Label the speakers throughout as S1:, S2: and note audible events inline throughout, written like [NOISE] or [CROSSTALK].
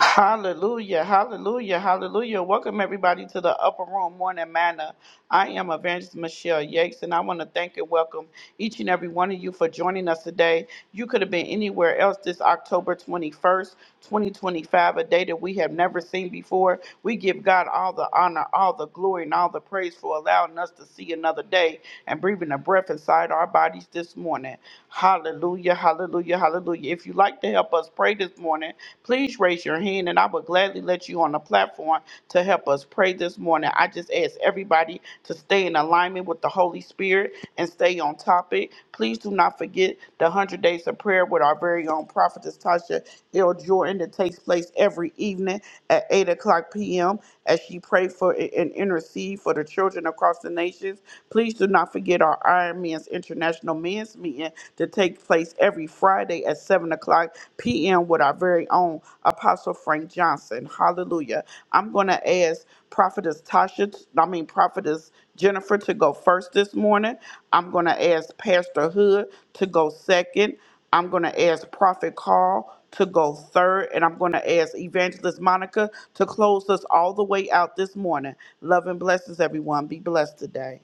S1: Hallelujah, hallelujah, hallelujah. Welcome everybody to the Upper Room Morning Manna. I am Evangelist Michelle Yates, and I want to thank and welcome each and every one of you for joining us today. You could have been anywhere else this October 21st, 2025, a day that we have never seen before. We give God all the honor, all the glory, and all the praise for allowing us to see another day and breathing a breath inside our bodies this morning. Hallelujah, hallelujah, hallelujah. If you'd like to help us pray this morning, please raise your hand and I will gladly let you on the platform to help us pray this morning. I just ask everybody to stay in alignment with the Holy Spirit and stay on topic. Please do not forget the 100 Days of Prayer with our very own prophetess Tasha L. Jordan that takes place every evening at 8 o'clock p.m. as she prayed for and intercede for the children across the nations. Please do not forget our Iron Man's International Men men's meeting to take place every Friday at 7 o'clock p.m. with our very own Apostle Frank Johnson. Hallelujah. I'm going to ask Prophetess Tasha, I mean, Prophetess Jennifer to go first this morning. I'm going to ask Pastor Hood to go second. I'm going to ask Prophet Carl to go third, and I'm going to ask Evangelist Monica to close us all the way out this morning. Love and blessings, everyone. Be blessed today.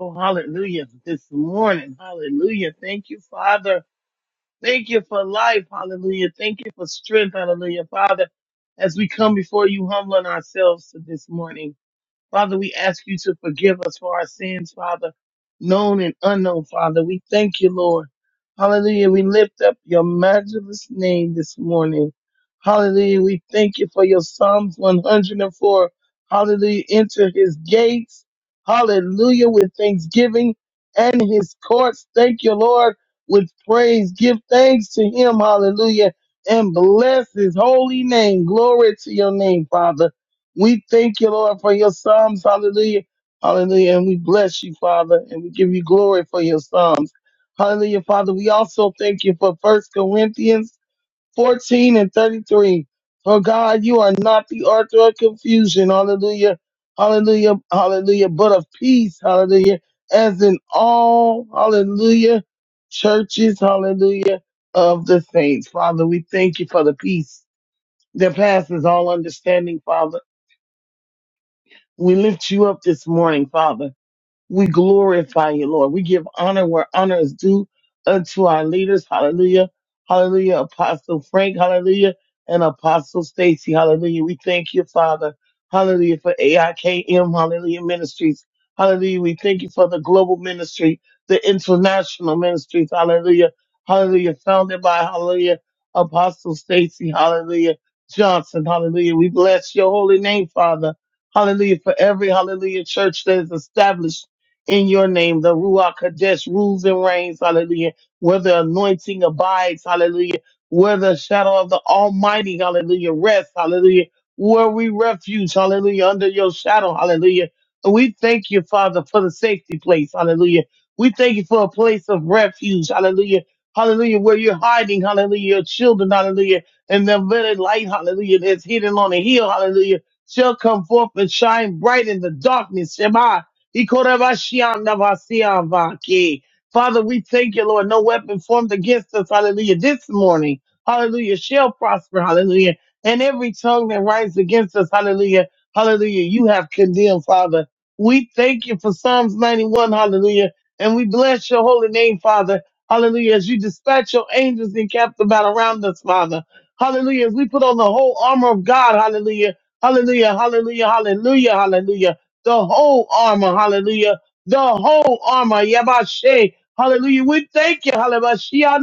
S2: Oh, hallelujah. This morning. Hallelujah. Thank you, Father. Thank you for life. Hallelujah. Thank you for strength. Hallelujah. Father, as we come before you, humbling ourselves to this morning. Father, we ask you to forgive us for our sins, Father, known and unknown, Father. We thank you, Lord. Hallelujah. We lift up your matchless name this morning. Hallelujah. We thank you for your Psalms 104. Hallelujah. Enter his gates. Hallelujah. With thanksgiving and his courts. Thank you, Lord. With praise. Give thanks to him. Hallelujah. And bless his holy name. Glory to your name, Father. We thank you, Lord, for your psalms. Hallelujah. Hallelujah. And we bless you, Father, and we give you glory for your psalms. Hallelujah, Father. We also thank you for First Corinthians 14 and 33. For God, you are not the author of confusion. Hallelujah. Hallelujah. Hallelujah. But of peace. Hallelujah. As in all, hallelujah, churches, hallelujah, of the saints. Father, we thank you for the peace that passes all understanding, Father. We lift you up this morning, Father. We glorify you, Lord. We give honor where honor is due unto our leaders. Hallelujah. Hallelujah. Apostle Frank. Hallelujah. And Apostle Stacy. Hallelujah. We thank you, Father. Hallelujah for AIKM. Hallelujah Ministries. Hallelujah. We thank you for the global ministry, the international ministries. Hallelujah. Hallelujah. Founded by Hallelujah. Apostle Stacy. Hallelujah. Johnson. Hallelujah. We bless your holy name, Father. Hallelujah for every Hallelujah church that is established in your name. The Ruach Kodesh rules and reigns, hallelujah. Where the anointing abides, hallelujah. Where the shadow of the Almighty, hallelujah, rests, hallelujah. Where we refuge, hallelujah, under your shadow, hallelujah. We thank you, Father, for the safety place, hallelujah. We thank you for a place of refuge, hallelujah. Hallelujah, where you're hiding, hallelujah, your children, hallelujah, and the very light, hallelujah, that's hidden on the hill, hallelujah, shall come forth and shine bright in the darkness, Shema, Ikorabashiandabasiavaki. Father, we thank you, Lord. No weapon formed against us, hallelujah, this morning, hallelujah, shall prosper, hallelujah. And every tongue that rises against us, hallelujah, hallelujah, you have condemned, Father. We thank you for Psalms 91, hallelujah, and we bless your holy name, Father, hallelujah, as you dispatch your angels and camp about around us, Father, hallelujah, as we put on the whole armor of God, hallelujah, hallelujah, hallelujah, hallelujah, hallelujah the whole armor, hallelujah, the whole armor, Yabashe, hallelujah. We thank you, hallelujah.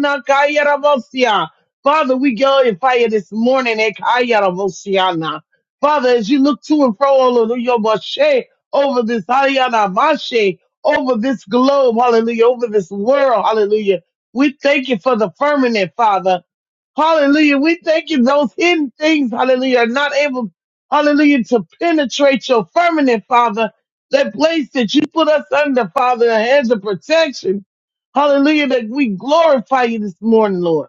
S2: Father, we glorify you this morning, Ekayarabosiana. Father, as you look to and fro, hallelujah, Bashe, over this, hallelujah, Bashe, over this globe, hallelujah, over this world, hallelujah. We thank you for the firmament, Father. Hallelujah. We thank you. Those hidden things, hallelujah, are not able hallelujah, to penetrate your firmament, Father, that place that you put us under, Father, a hands of protection. Hallelujah, that we glorify you this morning, Lord.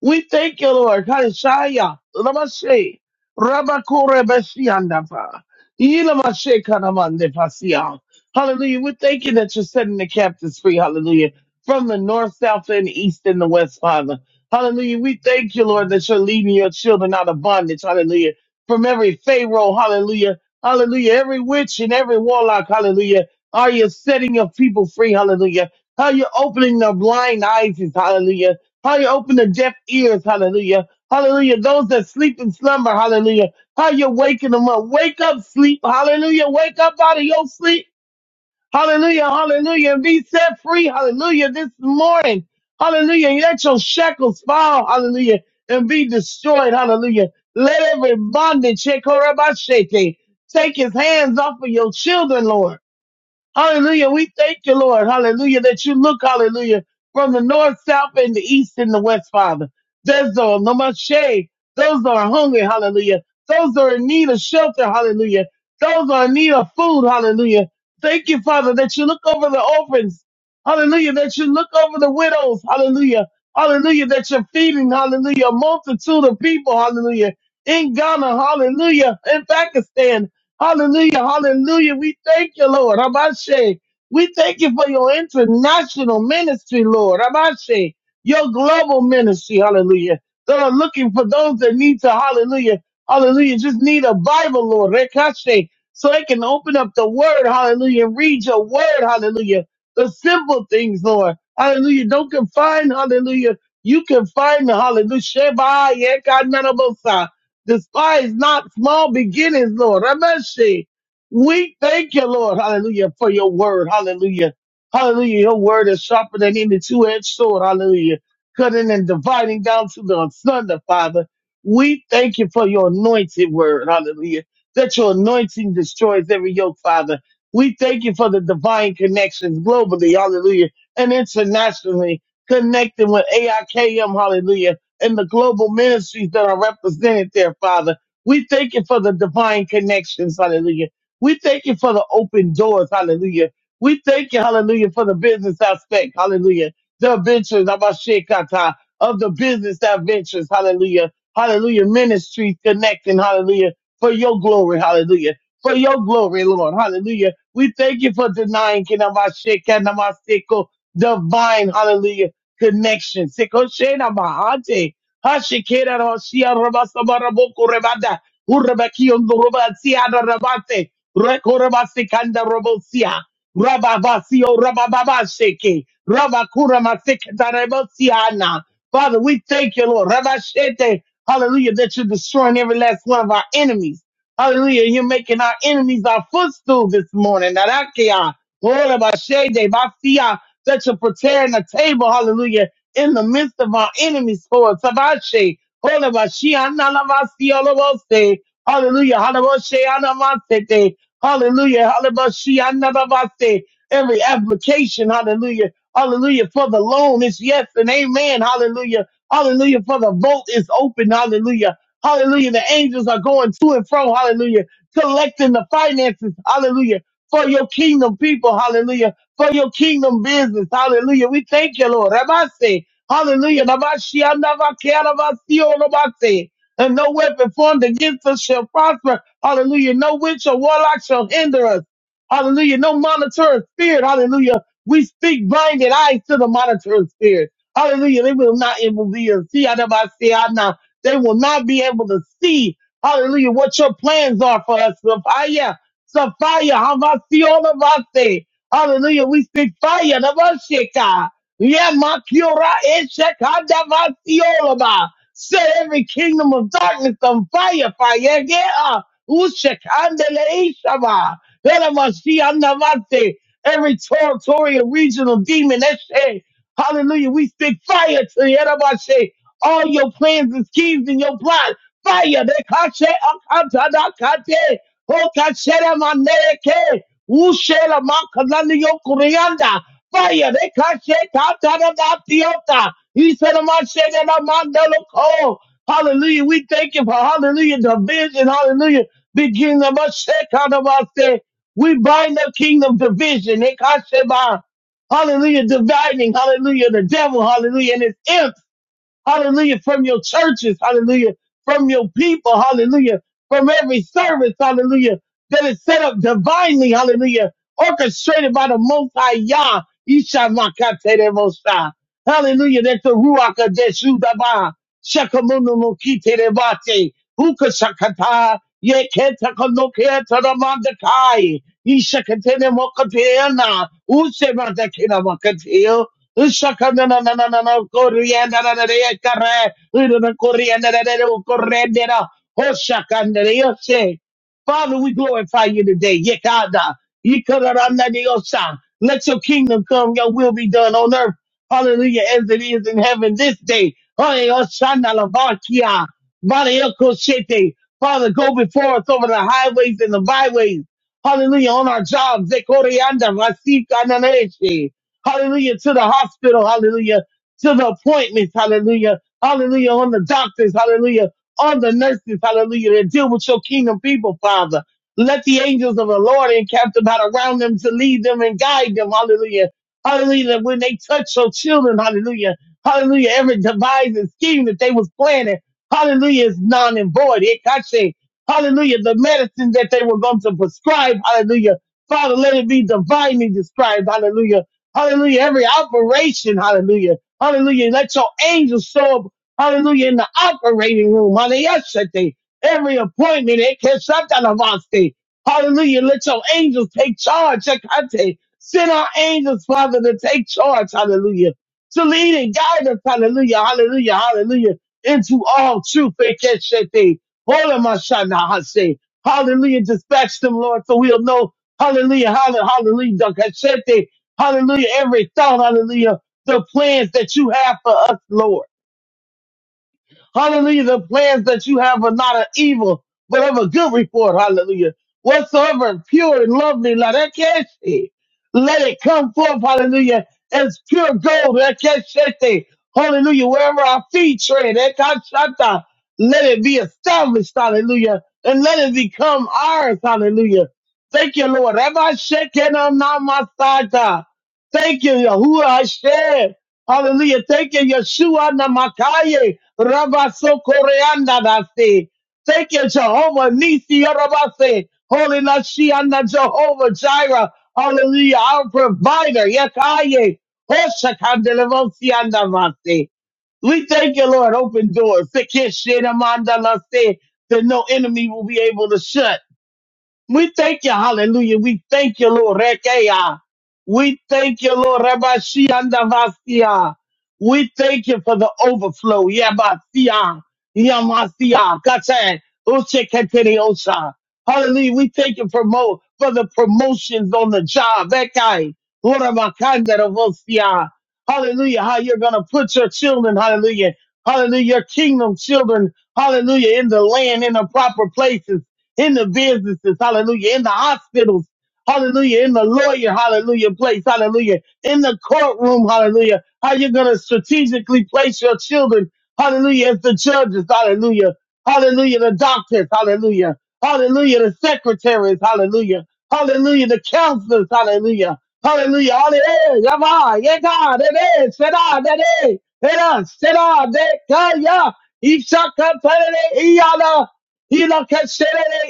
S2: We thank you, Lord. Kaishaya, Lamashe, Rabakure Besiandapa, Ilamashe Kanamande Pasia. Hallelujah. We thank you that you're setting the captives free. Hallelujah. From the north, south, and east, and the west, Father. Hallelujah. We thank you, Lord, that you're leading your children out of bondage. Hallelujah. From every Pharaoh. Hallelujah. Hallelujah. Every witch and every warlock. Hallelujah. Are you setting your people free? Hallelujah. How you opening their blind eyes? Hallelujah how you open the deaf ears, hallelujah. Hallelujah. Those that sleep in slumber, hallelujah. How you waking them up. Wake up, sleep, hallelujah. Wake up out of your sleep, hallelujah, hallelujah. And be set free, hallelujah, this morning. Hallelujah. Let your shackles fall, hallelujah, and be destroyed, hallelujah. Let every bondage, Shekorabashete, take his hands off of your children, Lord. Hallelujah. We thank you, Lord. Hallelujah. That you look, hallelujah, from the north, south, and the east and the west, Father. Those that are namaste. Those that are hungry, hallelujah. Those that are in need of shelter, hallelujah. Those that are in need of food, hallelujah. Thank you, Father, that you look over the orphans. Hallelujah. That you look over the widows. Hallelujah. Hallelujah. That you're feeding, hallelujah, a multitude of people. Hallelujah. In Ghana. Hallelujah. In Pakistan. Hallelujah, hallelujah. We thank you, Lord. Abashe. We thank you for your international ministry, Lord. Abashe, your global ministry, hallelujah. That are looking for those that need to, hallelujah, hallelujah, just need a Bible, Lord. Rekashe. So they can open up the word, hallelujah, and read your word, hallelujah. The simple things, Lord. Hallelujah. Don't confine, hallelujah. You can find the hallelujah. Sheba, yeah, God, none of us despise not small beginnings, Lord. Rameshi, we thank you, Lord. Hallelujah, for your word. Hallelujah. Hallelujah. Your word is sharper than any two-edged sword. Hallelujah. Cutting and dividing down to the asunder, Father. We thank you for your anointed word. Hallelujah. That your anointing destroys every yoke, Father. We thank you for the divine connections globally. Hallelujah. And internationally connecting with AIKM. Hallelujah and the global ministries that are represented there, Father. We thank you for the divine connections, hallelujah. We thank you for the open doors, hallelujah. We thank you, hallelujah, for the business aspect, hallelujah. The adventures of our Shekata, of the business adventures, hallelujah. Hallelujah. Ministries connecting, hallelujah, for your glory, hallelujah. For your glory, Lord, hallelujah. We thank you for denying, Kinamashe, Kanamaseko, divine, hallelujah connection. Sekoshena Mahante. Hashikera Roshia Rabasabaraboku Rebada. Urabakion Rubatia Rabate. Rekorabasikanda Robosia. Rababasio Rabababasheke. Rabakura Masikana. Father, we thank you, Lord. Rabashete. Hallelujah, that you're destroying every last one of our enemies. Hallelujah, you're making our enemies our footstool this morning. Narakia. Ora Bashede. basia that you're preparing a table, hallelujah, in the midst of our enemies, for Tabashe, Kolabashi, Analamasi, Olabose, hallelujah, Halaboshe, Anamasete, hallelujah, Halabashi, Anababase, every application, hallelujah, hallelujah, for the loan is yes and amen, hallelujah, hallelujah, for the vote is open, hallelujah, hallelujah, the angels are going to and fro, hallelujah, collecting the finances, hallelujah, for your kingdom people, hallelujah, for your kingdom business. Hallelujah. We thank you, Lord. Rabase. Hallelujah. Rabashi, anabake, arabasi, orobase. And no weapon formed against us shall prosper. Hallelujah. No witch or warlock shall hinder us. Hallelujah. No monitor spirit. Hallelujah. We speak blinded eyes to the monitor spirit. Hallelujah. They will not able to be able to see. Arabasi, ana. They will not be able to see. Hallelujah. What your plans are for us. Sophia. Sophia. Hamasi, orobase. Hallelujah. We speak fire. The Vashika. Yamakiora Eshekada Vasiolaba. Set every kingdom of darkness on fire. Fire. Yeah. Ushekandele Ishaba. Elevashiandavate. Every territorial regional demon. Eshe. Hallelujah. We speak fire to the Elevashe. All your plans and schemes and your plot. Fire. They kache akata da kate. Ho kachere maneke. Ushela makananiyo kurianda. Fire, they can't shake out that He said, I'm not shaking out my mellow coal. Hallelujah. We thank you for hallelujah, the vision, Hallelujah. Begin of us, shake out of us. eh. We bind the kingdom division. They can't shake out. Hallelujah, dividing. Hallelujah, the devil. Hallelujah, and his imps hallelujah, from your churches, hallelujah, from your people, hallelujah, from every service, hallelujah, that is set up divinely, hallelujah, orchestrated by the Most High Yah, Isha Makate de Mosha. Hallelujah, that's the Ruach Adeshu Daba, Shakamunu Mokite de Bate. Ukasakata, Yeketakonokiataramandakai, Ishakatene Mokatiana, Usemadakina Mokatio, Usakana Koreana Koreana Kare, Udan Koreana Hosakandariose. Father, we glorify you today. Yekada, yikaranadiosa. Let your kingdom come, your will be done on earth. Hallelujah, as it is in heaven this day. Hallelujah. Barayokosete. Father, go before us over the highways and the byways. Hallelujah, on our jobs. Zekorianda, rasikananese. Hallelujah, to the hospital. Hallelujah, to the appointments. Hallelujah. Hallelujah, on the doctors. Hallelujah on the nurses, hallelujah, that deal with your kingdom people, Father. Let the angels of the Lord encamp about around them to lead them and guide them, hallelujah. Hallelujah, that when they touch your children, hallelujah, hallelujah, every device and scheme that they was planning, hallelujah, is non and void. It Hallelujah, the medicine that they were going to prescribe, hallelujah. Father, let it be divinely described, hallelujah. Hallelujah, every operation, hallelujah. Hallelujah, let your angels show up Hallelujah. In the operating room. Hallelujah. Yesterday, every appointment, it can shut Hallelujah. Let your angels take charge. Shekante. Send our angels, Father, to take charge. Hallelujah. To lead and guide us. Hallelujah. Hallelujah. Hallelujah. Into all truth. Ekeshete. Hola hase. Hallelujah. Dispatch them, Lord, so we'll know. Hallelujah. Hallelujah. Hallelujah. Dakashete. Hallelujah. Every thought. Hallelujah. The plans that you have for us, Lord. Hallelujah. The plans that you have are not of evil, but of a good report. Hallelujah. Whatsoever pure and lovely, la that can't see. let it come forth. Hallelujah. As pure gold. that can't shake it. Hallelujah. Wherever our feet tread, that can't shut down. let it be established. Hallelujah. And let it become ours. Hallelujah. Thank you, Lord. Rabbi Shekinah, not my side. Thank you, Yahuwah Hashem. Hallelujah. Thank you, Yeshua Namakaye, Rabaso Koreanda Dasi. Thank you, Jehovah Nisi Rabase, Holy Lashiana Jehovah Jireh. Hallelujah. Our provider, Yakaye, Oshakandelevosia Masi. We thank you, Lord. Open doors. Sikishinamanda Lasi, That no enemy will be able to shut. We thank you, hallelujah. We thank you, Lord. Rekeya. We thank you, Lord. Rabashiandavasia. We thank you for the overflow. Yabasia. Yamasia. Kate. Ucheketereosha. Hallelujah. We thank you for, mo- for the promotions on the job. Rekai. Urabakandaravosia. Hallelujah. How you're going to put your children, hallelujah. Hallelujah. Your kingdom children, hallelujah, in the land, in the proper places in the businesses, hallelujah, in the hospitals, hallelujah, in the lawyer, hallelujah, place, hallelujah, in the courtroom, hallelujah, how you're going to strategically place your children, hallelujah, as the judges, hallelujah, hallelujah, the doctors, hallelujah, hallelujah, the secretaries, hallelujah, hallelujah, the counselors, hallelujah, hallelujah, hallelujah, Yama, yeah, God, it is, sit down, it is, it is, sit down, that, yeah, yeah, Ishaka, Hilakeshere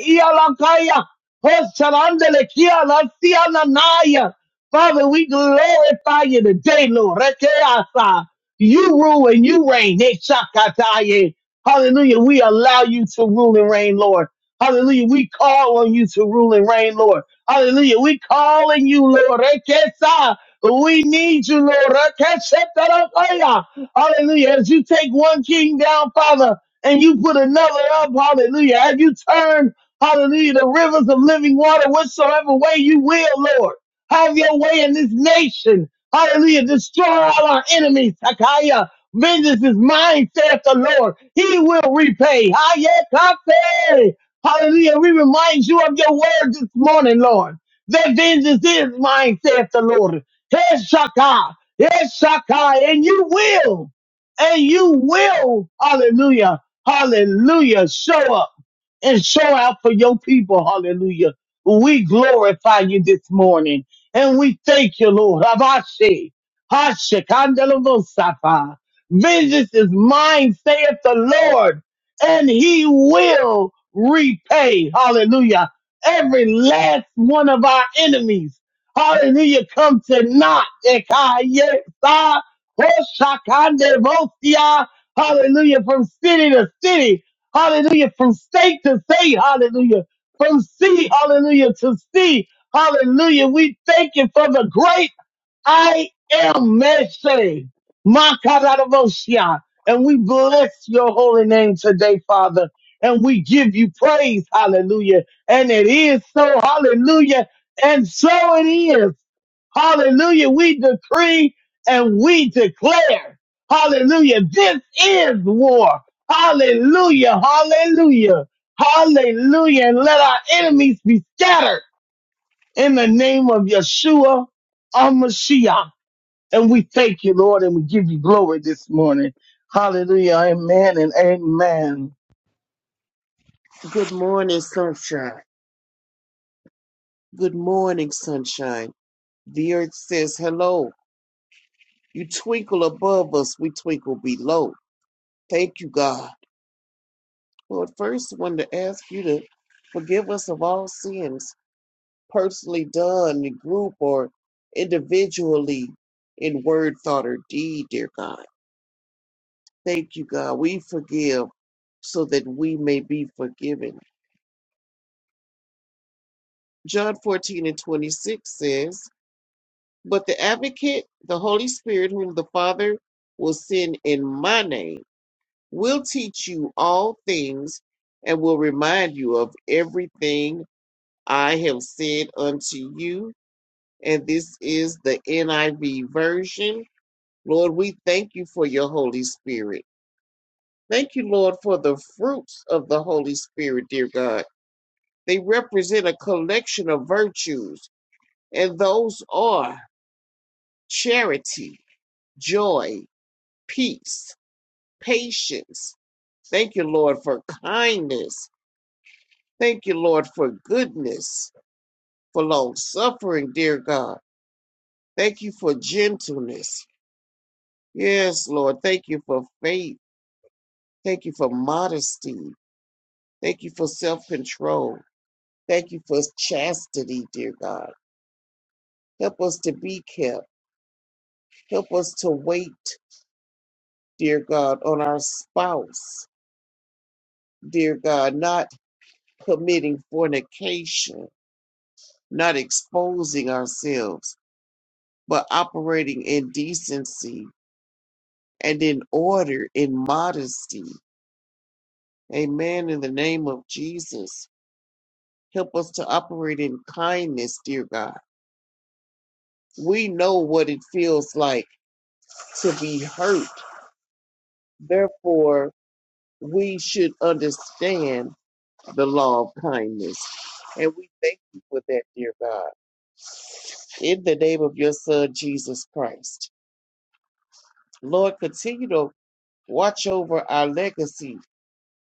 S2: Ialakaya. Hosarandele Kia Lasia Nanaya. Father, we glorify you today, Lord. Rekeasa. You rule and you reign. Nechakataye. Hallelujah. We allow you to rule and reign, Lord. Hallelujah. We call on you to rule and reign, Lord. Hallelujah. We call on you, Lord. Rekesa. We need you, Lord. Rekesetarakaya. Hallelujah. As you take one king down, Father and you put another up. Hallelujah. Have you turned, hallelujah, the rivers of living water whatsoever way you will, Lord? Have your way in this nation. Hallelujah. Destroy all our enemies. Takaya. Vengeance is mine, saith the Lord. He will repay. Hayekate. Hallelujah. We remind you of your word this morning, Lord. That vengeance is mine, saith the Lord. Heshaka. Heshaka. And you will. And you will. Hallelujah Hallelujah. Show up and show out for your people. Hallelujah. We glorify you this morning and we thank you, Lord. Havashi, Hashikandalavosapa. Vengeance is mine, saith the Lord, and he will repay. Hallelujah. Every last one of our enemies. Hallelujah. Come to naught. Ekayesa, Hoshakandavosia, Hallelujah. From city to city. Hallelujah. From state to state. Hallelujah. From sea. Hallelujah. To sea. Hallelujah. We thank you for the great I am message. Makaradabosia. And we bless your holy name today, Father. And we give you praise. Hallelujah. And it is so. Hallelujah. And so it is. Hallelujah. We decree and we declare. Hallelujah. This is war. Hallelujah. Hallelujah. Hallelujah. And let our enemies be scattered in the name of Yeshua our Mashiach. And we thank you, Lord, and we give you glory this morning. Hallelujah. Amen and amen.
S3: Good morning, sunshine. Good morning, sunshine. The earth says hello. You twinkle above us, we twinkle below. Thank you, God. Lord, first, I wanted to ask you to forgive us of all sins, personally done in group or individually, in word, thought, or deed, dear God. Thank you, God. We forgive so that we may be forgiven. John 14 and 26 says, But the advocate, the Holy Spirit, whom the Father will send in my name, will teach you all things and will remind you of everything I have said unto you. And this is the NIV version. Lord, we thank you for your Holy Spirit. Thank you, Lord, for the fruits of the Holy Spirit, dear God. They represent a collection of virtues, and those are charity, joy, peace patience. Thank you, Lord, for kindness. Thank you, Lord, for goodness, for long suffering, dear God. Thank you for gentleness. Yes, Lord. Thank you for faith. Thank you for modesty. Thank you for self control. Thank you for chastity, dear God. Help us to be kept. Help us to wait, dear God, on our spouse, dear God, not committing fornication, not exposing ourselves but operating in decency and in order, in modesty. Amen. In the name of Jesus, help us to operate in kindness, dear God. We know what it feels like to be hurt. Therefore, we should understand the law of kindness. And we thank you for that, dear God. In the name of your Son, Jesus Christ. Lord, continue to watch over our legacy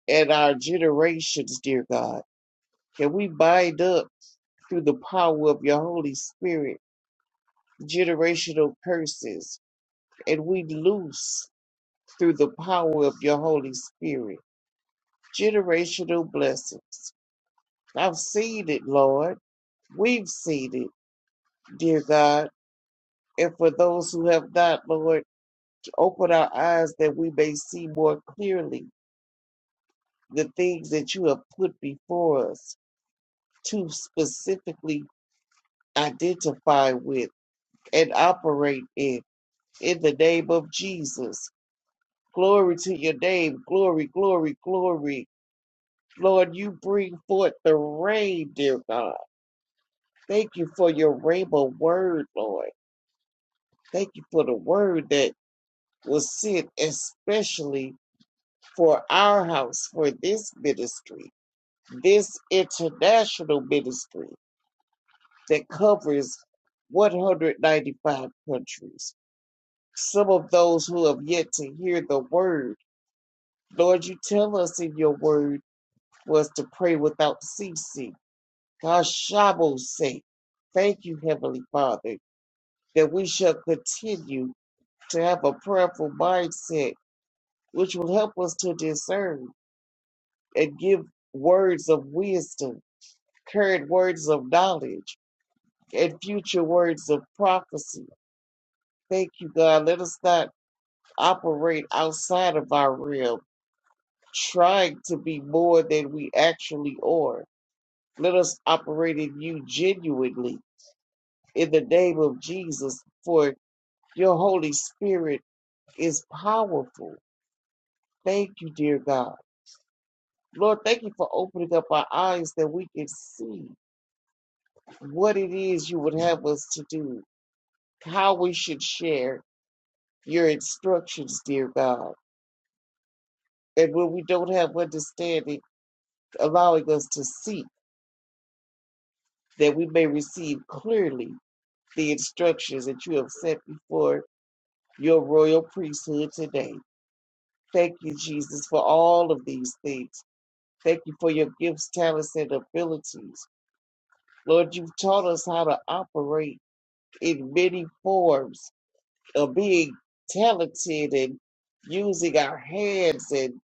S3: and our generations, dear God. Can we bind up through the power of your Holy Spirit generational curses and we loose through the power of your Holy Spirit generational blessings? I've seen it, Lord. We've seen it, dear God. And for those who have not, Lord, open our eyes that we may see more clearly the things that you have put before us to specifically identify with and operate in. In the name of Jesus. Glory to your name. Glory, glory, glory. Lord, you bring forth the rain, dear God. Thank you for your rainbow word, Lord. Thank you for the word that was sent especially for our house, for this ministry, this international ministry that covers 195 countries. Some of those who have yet to hear the word Lord, you tell us in your word for us to pray without ceasing. Hashabos sake. Thank you, Heavenly Father, that we shall continue to have a prayerful mindset, which will help us to discern and give words of wisdom, current words of knowledge, and future words of prophecy. Thank you, God. Let us not operate outside of our realm, trying to be more than we actually are Let us operate in you genuinely in the name of Jesus, for your Holy Spirit is powerful. Thank you, dear God. Lord, thank you for opening up our eyes that we can see what it is you would have us to do, how we should share your instructions, dear God. And when we don't have understanding, allowing us to seek that we may receive clearly the instructions that you have set before your royal priesthood today. Thank you, Jesus, for all of these things. Thank you for your gifts, talents, and abilities. Lord, you've taught us how to operate in many forms of being talented and using our hands and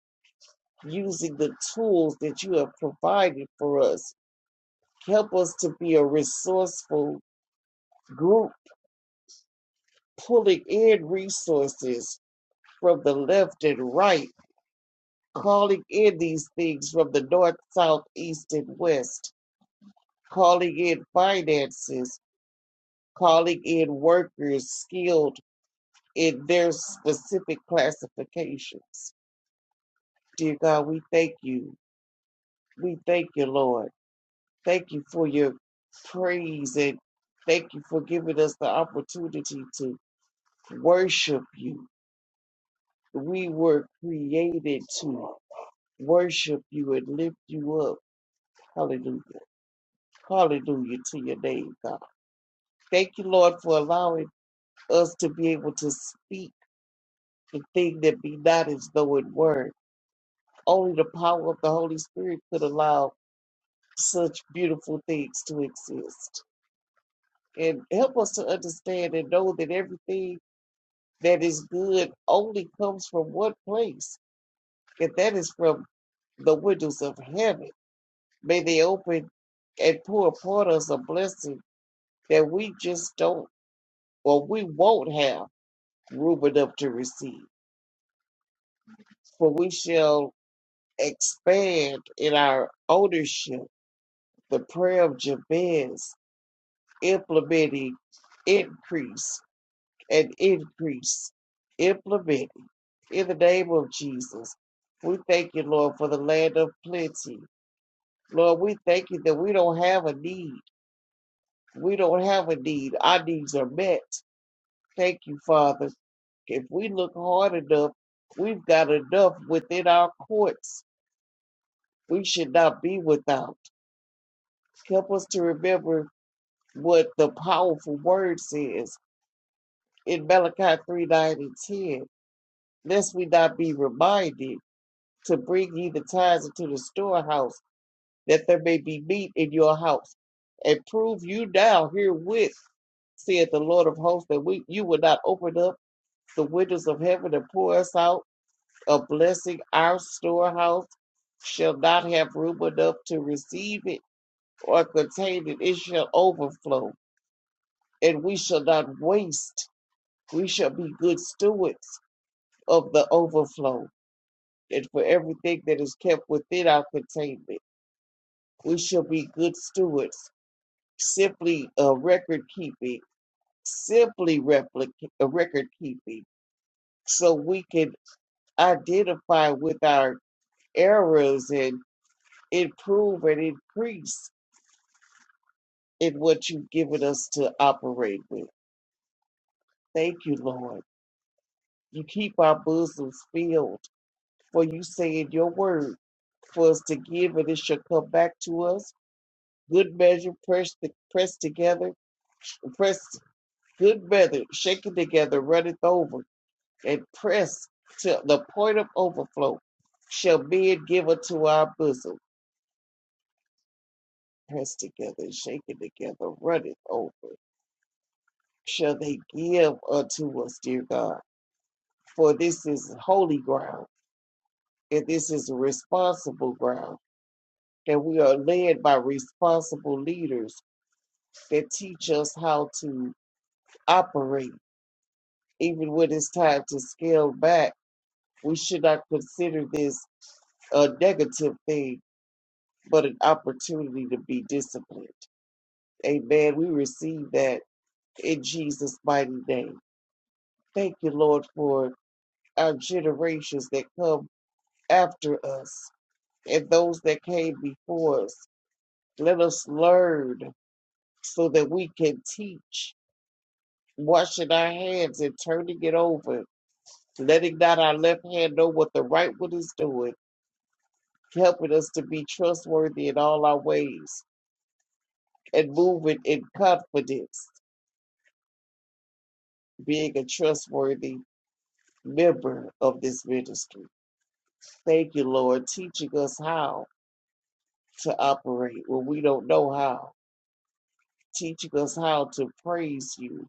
S3: using the tools that you have provided for us. Help us to be a resourceful group, pulling in resources from the left and right, calling in these things from the north, south, east, and west calling in finances, calling in workers skilled in their specific classifications. Dear God, we thank you. We thank you, Lord. Thank you for your praise and thank you for giving us the opportunity to worship you. We were created to worship you and lift you up. Hallelujah. Hallelujah to your name, God. Thank you, Lord, for allowing us to be able to speak the thing that be not as though it were. Only the power of the Holy Spirit could allow such beautiful things to exist. And help us to understand and know that everything that is good only comes from one place, and that is from the windows of heaven. May they open and pour upon us a blessing that we just don't or we won't have room enough to receive. For we shall expand in our ownership The prayer of Jabez implementing increase and increase, implementing in the name of Jesus. We thank you, Lord, for the land of plenty. Lord, we thank you that we don't have a need. We don't have a need. Our needs are met. Thank you, Father. If we look hard enough, we've got enough within our courts. We should not be without. Help us to remember what the powerful word says in Malachi 3 9 and 10, lest we not be reminded to bring ye the tithes into the storehouse, that there may be meat in your house. And prove you now herewith, saith the Lord of hosts, that we, you will not open up the windows of heaven and pour us out a blessing. Our storehouse shall not have room enough to receive it or contain it. It shall overflow, and we shall not waste. We shall be good stewards of the overflow and for everything that is kept within our containment. We shall be good stewards, simply uh, record keeping, simply replica- uh, record keeping, so we can identify with our errors and improve and increase in what you've given us to operate with. Thank you, Lord. You keep our bosoms filled, for you say in your word for us to give, and it shall come back to us. Good measure, pressed, pressed together Press good weather, shake it together, run it over, and press till the point of overflow shall be it given to our bosom. Press together, and shake it together, run it over. Shall they give unto us, dear God? For this is holy ground, and this is responsible ground. And we are led by responsible leaders that teach us how to operate. Even when it's time to scale back, we should not consider this a negative thing, but an opportunity to be disciplined. Amen. We receive that in Jesus' mighty name. Thank you, Lord, for our generations that come after us and those that came before us. Let us learn so that we can teach, washing our hands and turning it over, letting not our left hand know what the right one is doing, helping us to be trustworthy in all our ways and moving in confidence being a trustworthy member of this ministry. Thank you, Lord, teaching us how to operate when we don't know how, teaching us how to praise you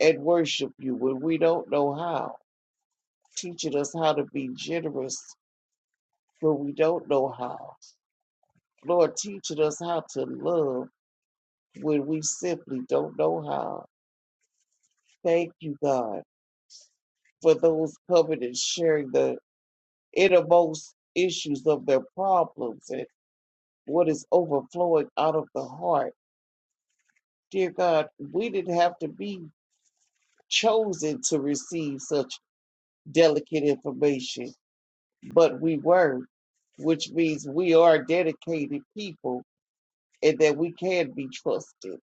S3: and worship you when we don't know how, teaching us how to be generous when we don't know how. Lord, teaching us how to love when we simply don't know how. Thank you, God, for those covenants sharing the innermost issues of their problems and. what is overflowing out of the heart. Dear God, we didn't have to be chosen to receive such delicate information, but we were, which means we are dedicated people and that we can be trusted.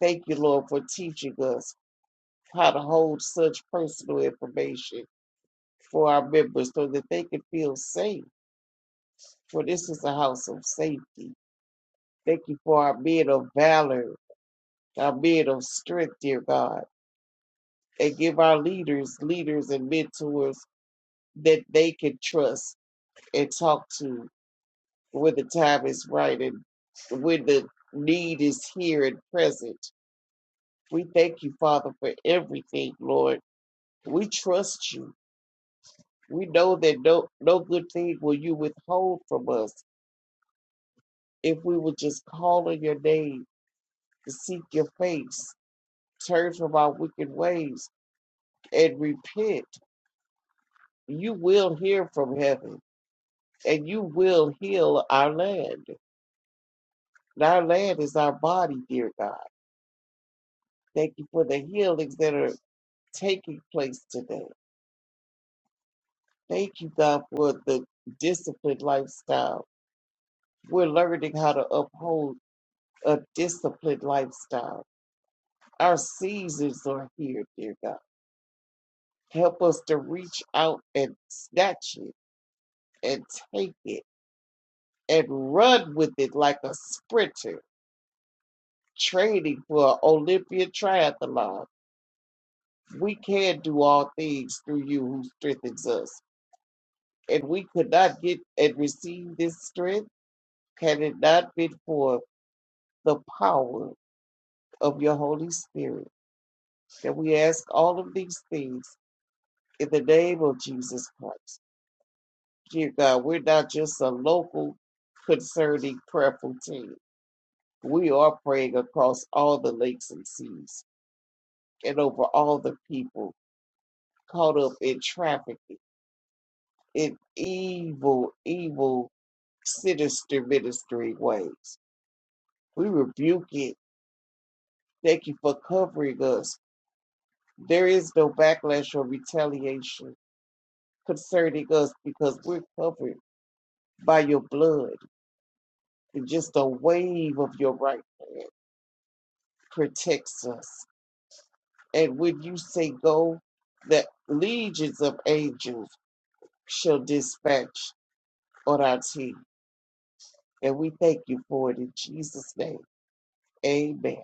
S3: Thank you, Lord, for teaching us how to hold such personal information for our members so that they can feel safe. For this is a house of safety. Thank you for our men of valor, our men of strength, dear God. and give our leaders leaders and mentors that they can trust and talk to when the time is right and when the need is here and present. We thank you, Father, for everything, Lord. We trust you. We know that no no good thing will you withhold from us if we will just call on your name to seek your face, turn from our wicked ways, and repent. You will hear from heaven and you will heal our land. And our land is our body, dear God. Thank you for the healings that are taking place today. Thank you, God, for the disciplined lifestyle. We're learning how to uphold a disciplined lifestyle. Our seasons are here, dear God. Help us to reach out and snatch it and take it and run with it like a sprinter training for an Olympian triathlon we can do all things through you who strengthens us. And we could not get and receive this strength had it not been for the power of your Holy Spirit. And we ask all of these things in the name of Jesus Christ. Dear God, we're not just a local concerning prayerful team. We are praying across all the lakes and seas and over all the people caught up in trafficking, in evil, evil sinister ministry ways. We rebuke it. Thank you for covering us. There is no backlash or retaliation concerning us because we're covered by your blood. And just a wave of your right hand protects us. And when you say go, that legions of angels shall dispatch on our team. And we thank you for it in Jesus' name. Amen.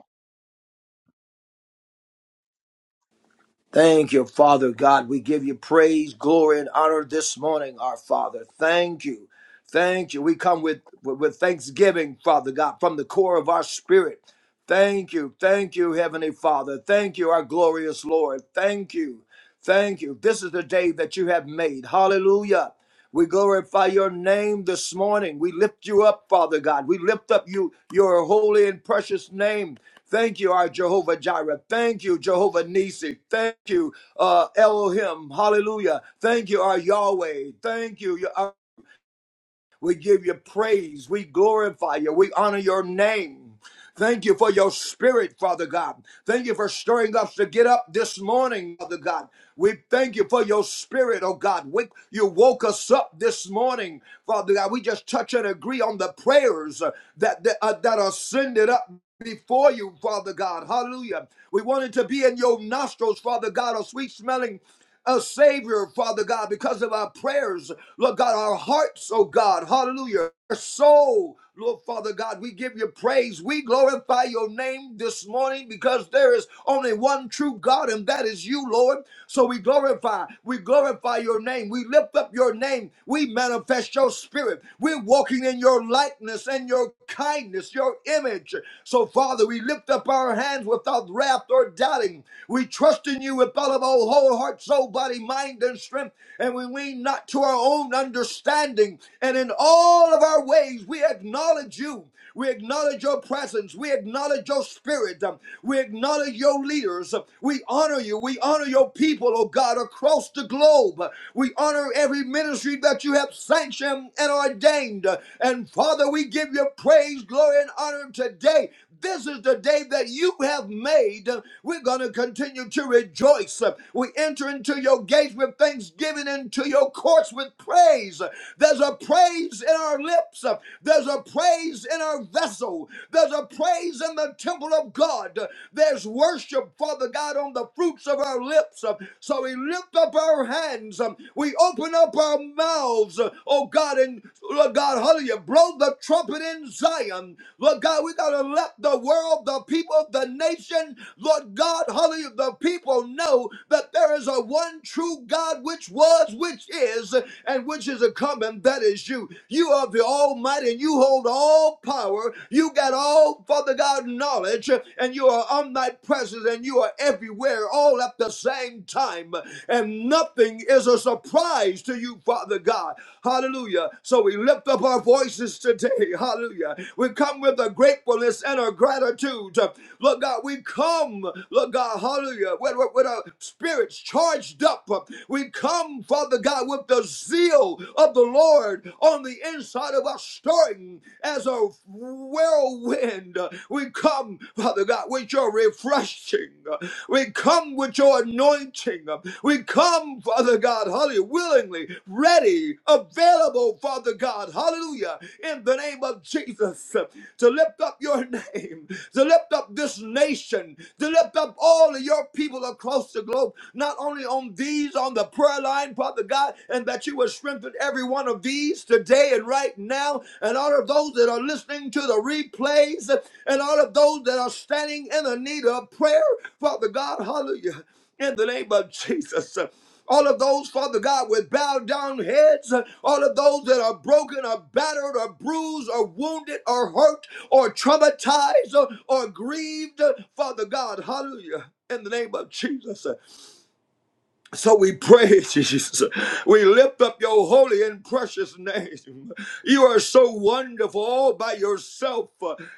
S4: Thank you, Father God. We give you praise, glory, and honor this morning, our Father. Thank you. Thank you. We come with, with thanksgiving, Father God, from the core of our spirit. Thank you. Thank you, Heavenly Father. Thank you, our glorious Lord. Thank you. Thank you. This is the day that you have made. Hallelujah. We glorify your name this morning. We lift you up, Father God. We lift up you, your holy and precious name. Thank you, our Jehovah Jireh. Thank you, Jehovah Nisi. Thank you, uh, Elohim. Hallelujah. Thank you, our Yahweh. Thank you. We give you praise. We glorify you. We honor your name. Thank you for your spirit, Father God. Thank you for stirring us to get up this morning, Father God. We thank you for your spirit, oh God. We, you woke us up this morning, Father God. We just touch and agree on the prayers uh, that that, uh, that are sended up before you, Father God. Hallelujah. We wanted to be in your nostrils, Father God, a sweet smelling a savior, Father God, because of our prayers. Lord God, our hearts, oh God, hallelujah, our soul. Lord Father God, we give you praise. We glorify your name this morning because there is only one true God, and that is you, Lord. So we glorify, we glorify your name. We lift up your name. We manifest your spirit. We're walking in your likeness and your kindness, your image. So, Father, we lift up our hands without wrath or doubting. We trust in you with all of our whole hearts heart, soul, body, mind, and strength. And when we lean not to our own understanding. And in all of our ways, we acknowledge you. We acknowledge your presence. We acknowledge your spirit. Um, We acknowledge your leaders. We honor you. We honor your people, oh God, across the globe. We honor every ministry that you have sanctioned and ordained. And Father, we give you praise, glory, and honor today this is the day that you have made. We're going to continue to rejoice. We enter into your gates with thanksgiving, into your courts with praise. There's a praise in our lips. There's a praise in our vessel. There's a praise in the temple of God. There's worship, Father God, on the fruits of our lips. So we lift up our hands. We open up our mouths, oh God. God, and Lord God, hallelujah, blow the trumpet in Zion. Lord God, we gotta let the world, the people, the nation, Lord God, hallelujah, the people know that there is a one true God which was, which is, and which is a coming, that is you. You are the Almighty, and you hold all power. You got all, Father God, knowledge, and you are omnipresent, and you are everywhere all at the same divine time, and nothing is a surprise to you, Father God. Hallelujah. So we lift up our voices today. Hallelujah. We come with a gratefulness and a gratitude. Look, God, we come, look, God, hallelujah, with, with, with our spirits charged up. We come, Father God, with the zeal of the Lord on the inside of us, stirring as a whirlwind. We come, Father God, with your refreshing. We come with your anointing. We come, Father God, hallelujah, willingly, ready, available, Father God, hallelujah, in the name of Jesus, to lift up your name, to lift up this nation, to lift up all of your people across the globe, not only on these, on the prayer line, Father God, and that you would strengthen everyone one of these today and right now, and all of those that are listening to the replays, and all of those that are standing in the need of prayer, Father God, hallelujah, in the name of Jesus. All of those, Father God, with bowed down heads, uh, all of those that are broken or battered or bruised or wounded or hurt or traumatized or, or grieved, uh, Father God, hallelujah, in the name of Jesus. So we praise you, [LAUGHS] Jesus. We lift up your holy and precious name. You are so wonderful all by yourself.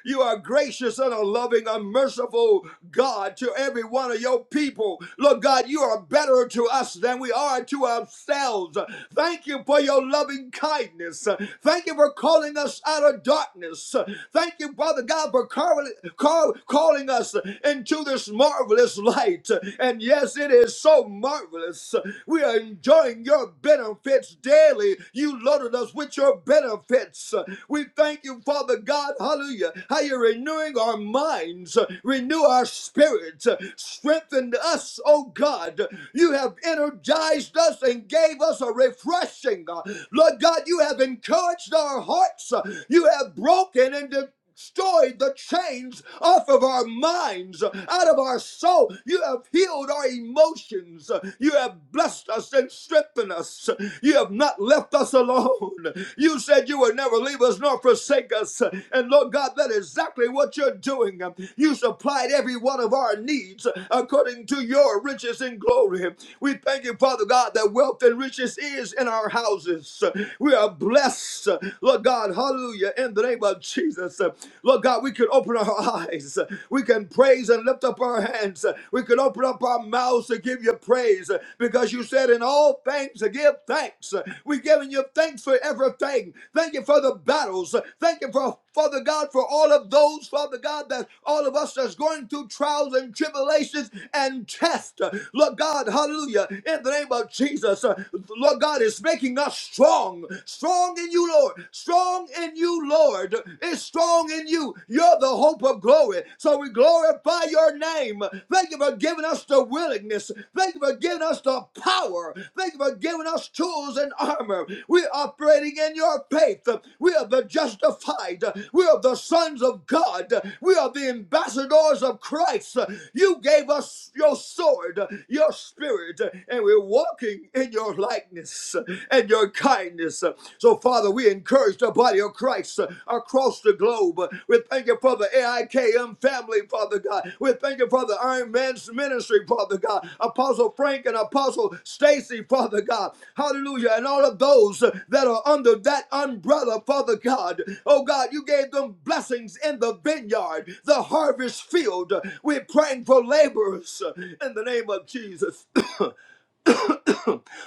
S4: You are gracious and a loving, a merciful God to every one of your people. Lord God, you are better to us than we are to ourselves. Thank you for your loving kindness. Thank you for calling us out of darkness. Thank you, Father God, for calling, call- calling us into this marvelous light light. And yes, it is so marvelous. We are enjoying your benefits daily. You loaded us with your benefits. We thank you, Father God, hallelujah, how you're renewing our minds, renew our spirits, strengthen us, oh God. You have energized us and gave us a refreshing. uh, Lord God, you have encouraged our hearts. You have broken and destroyed the chains off of our minds, out of our soul. You have healed our emotions. You have blessed us and strengthened us. You have not left us alone. You said you would never leave us nor forsake us. And Lord God, that is exactly what you're doing. You supplied every one of our needs according to your riches and glory. We thank you, Father God, that wealth and riches is in our houses. We are blessed, Lord God. God. Hallelujah. In the name of Jesus. Lord God, we can open our eyes. We can praise and lift up our hands. We can open up our mouths to give you praise because you said in all things to give thanks. We're giving you thanks for everything. Thank you for the battles. Thank you for Father God for all of those, Father God, that all of us that's going through trials and tribulations and tests. Lord God, hallelujah. In the name of Jesus, Lord God is making us strong strong, strong in you, Lord, strong in you, Lord, is strong in you. You're the hope of glory. So we glorify your name. Thank you for giving us the willingness. Thank you for giving us the power. Thank you for giving us tools and armor. We're operating in your faith. We are the justified. We are the sons of God. We are the ambassadors of Christ. You gave us your sword, your spirit, and we're walking in your light likeness and your kindness. So, Father, we encourage the body of Christ across the globe. We thank you for the AIKM family, Father God. We thank you for the Iron Man's ministry, Father God. Apostle Frank and Apostle Stacy, Father God. Hallelujah. And all of those that are under that umbrella, Father God. Oh God, you gave them blessings in the vineyard, the harvest field. We're praying for laborers in the name of Jesus. [COUGHS]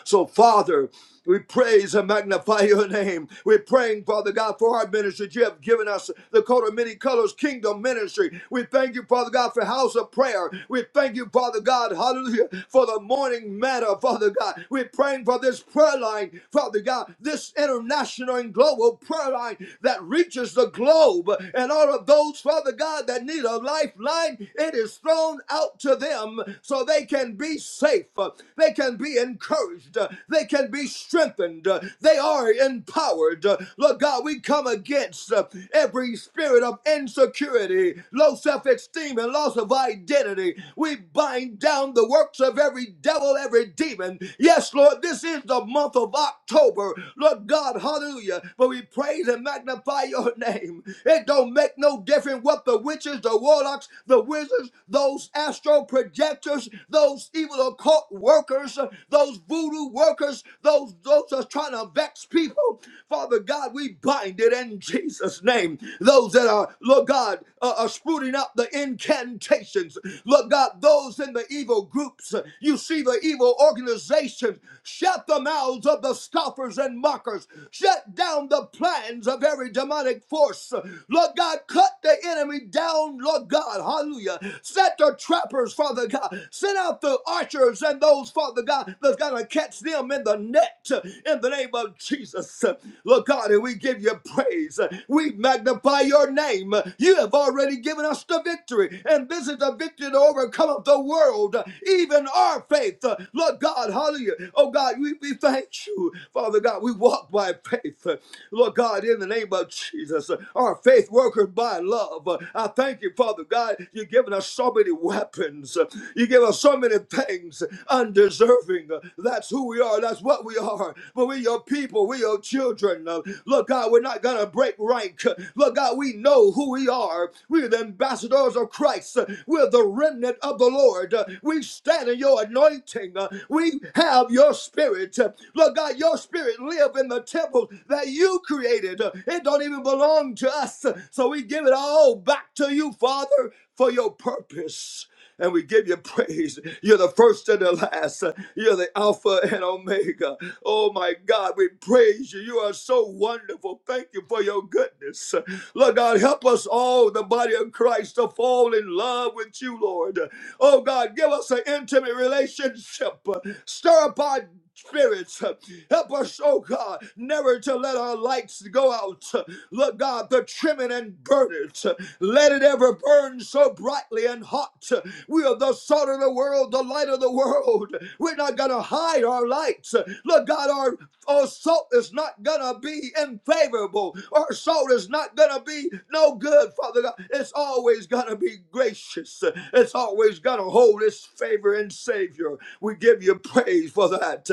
S4: So, Father, we praise and magnify your name. We're praying, Father God, for our ministry. You have given us the coat of many colors, kingdom ministry. We thank you, Father God, for house of prayer. We thank you, Father God, hallelujah, for the morning matter, Father God. We're praying for this prayer line, Father God, this international and global prayer line that reaches the globe. And all of those, Father God, that need a lifeline, it is thrown out to to them so they can be safe, uh, they can be encouraged, uh, they can be strengthened, uh, they are empowered. Uh, Lord God, we come against uh, every spirit of insecurity, low self esteem, and loss of identity. We bind down the works of every devil, every demon. Yes, Lord, this is the month of October. Lord God, hallelujah. But we praise and magnify your name. It don't make no different what the witches, the warlocks, the wizards, those astro projectors, those evil occult workers, those voodoo workers, those those are trying to vex people. Father God, we bind it in Jesus' name. Those that are, Lord God, uh, are spooning up the incantations. Lord God, those in the evil groups, you see the evil organizations. Shut the mouths of the scoffers and mockers. Shut down the plans of every demonic force. Lord God, cut the enemy down, Lord God. Hallelujah. Set the trappers, Father God. Send out the archers and those, Father God, that's going to catch them in the net in the name of Jesus. Lord God, and we give you praise. We magnify your name. You have already given us the victory, and this is the victory to overcome the world, even our faith. Lord God, hallelujah. Oh God, we, we thank you, Father God. We walk by faith. Lord God, in the name of Jesus, our faith workers by love. I thank you, Father God. You've given us so many weapons. You give us so many things undeserving. That's who we are. That's what we are. But we're your people. We're your children. Look, God, we're not going to break rank. Look, God, we know who we are. We're the ambassadors of Christ. We're the remnant of the Lord. Uh, We stand in your anointing. Uh, We have your spirit. Uh, Lord God, your spirit live in the temple that you created. Uh, It don't even belong to us. Uh, So we give it all back to you, Father, for your purpose. And we give you praise. You're the first and the last. Uh, You're the Alpha and Omega. Oh my God, we praise you. You are so wonderful. Thank you for your goodness. Lord God, help us all, the body of Christ, to fall in love with you, Lord. Oh God, give us an intimate relationship. Stir up our spirits. Help us, oh God, never to let our lights go out. Look, God, the trimming and burn it. Let it ever burn so brightly and hot. We are the salt of the world, the light of the world. We're not going to hide our lights. Look, God, our our salt is not gonna be unfavorable. Our salt is not gonna be no good, Father God. It's always gonna be gracious. It's always gonna hold its favor and savior. We give you praise for that.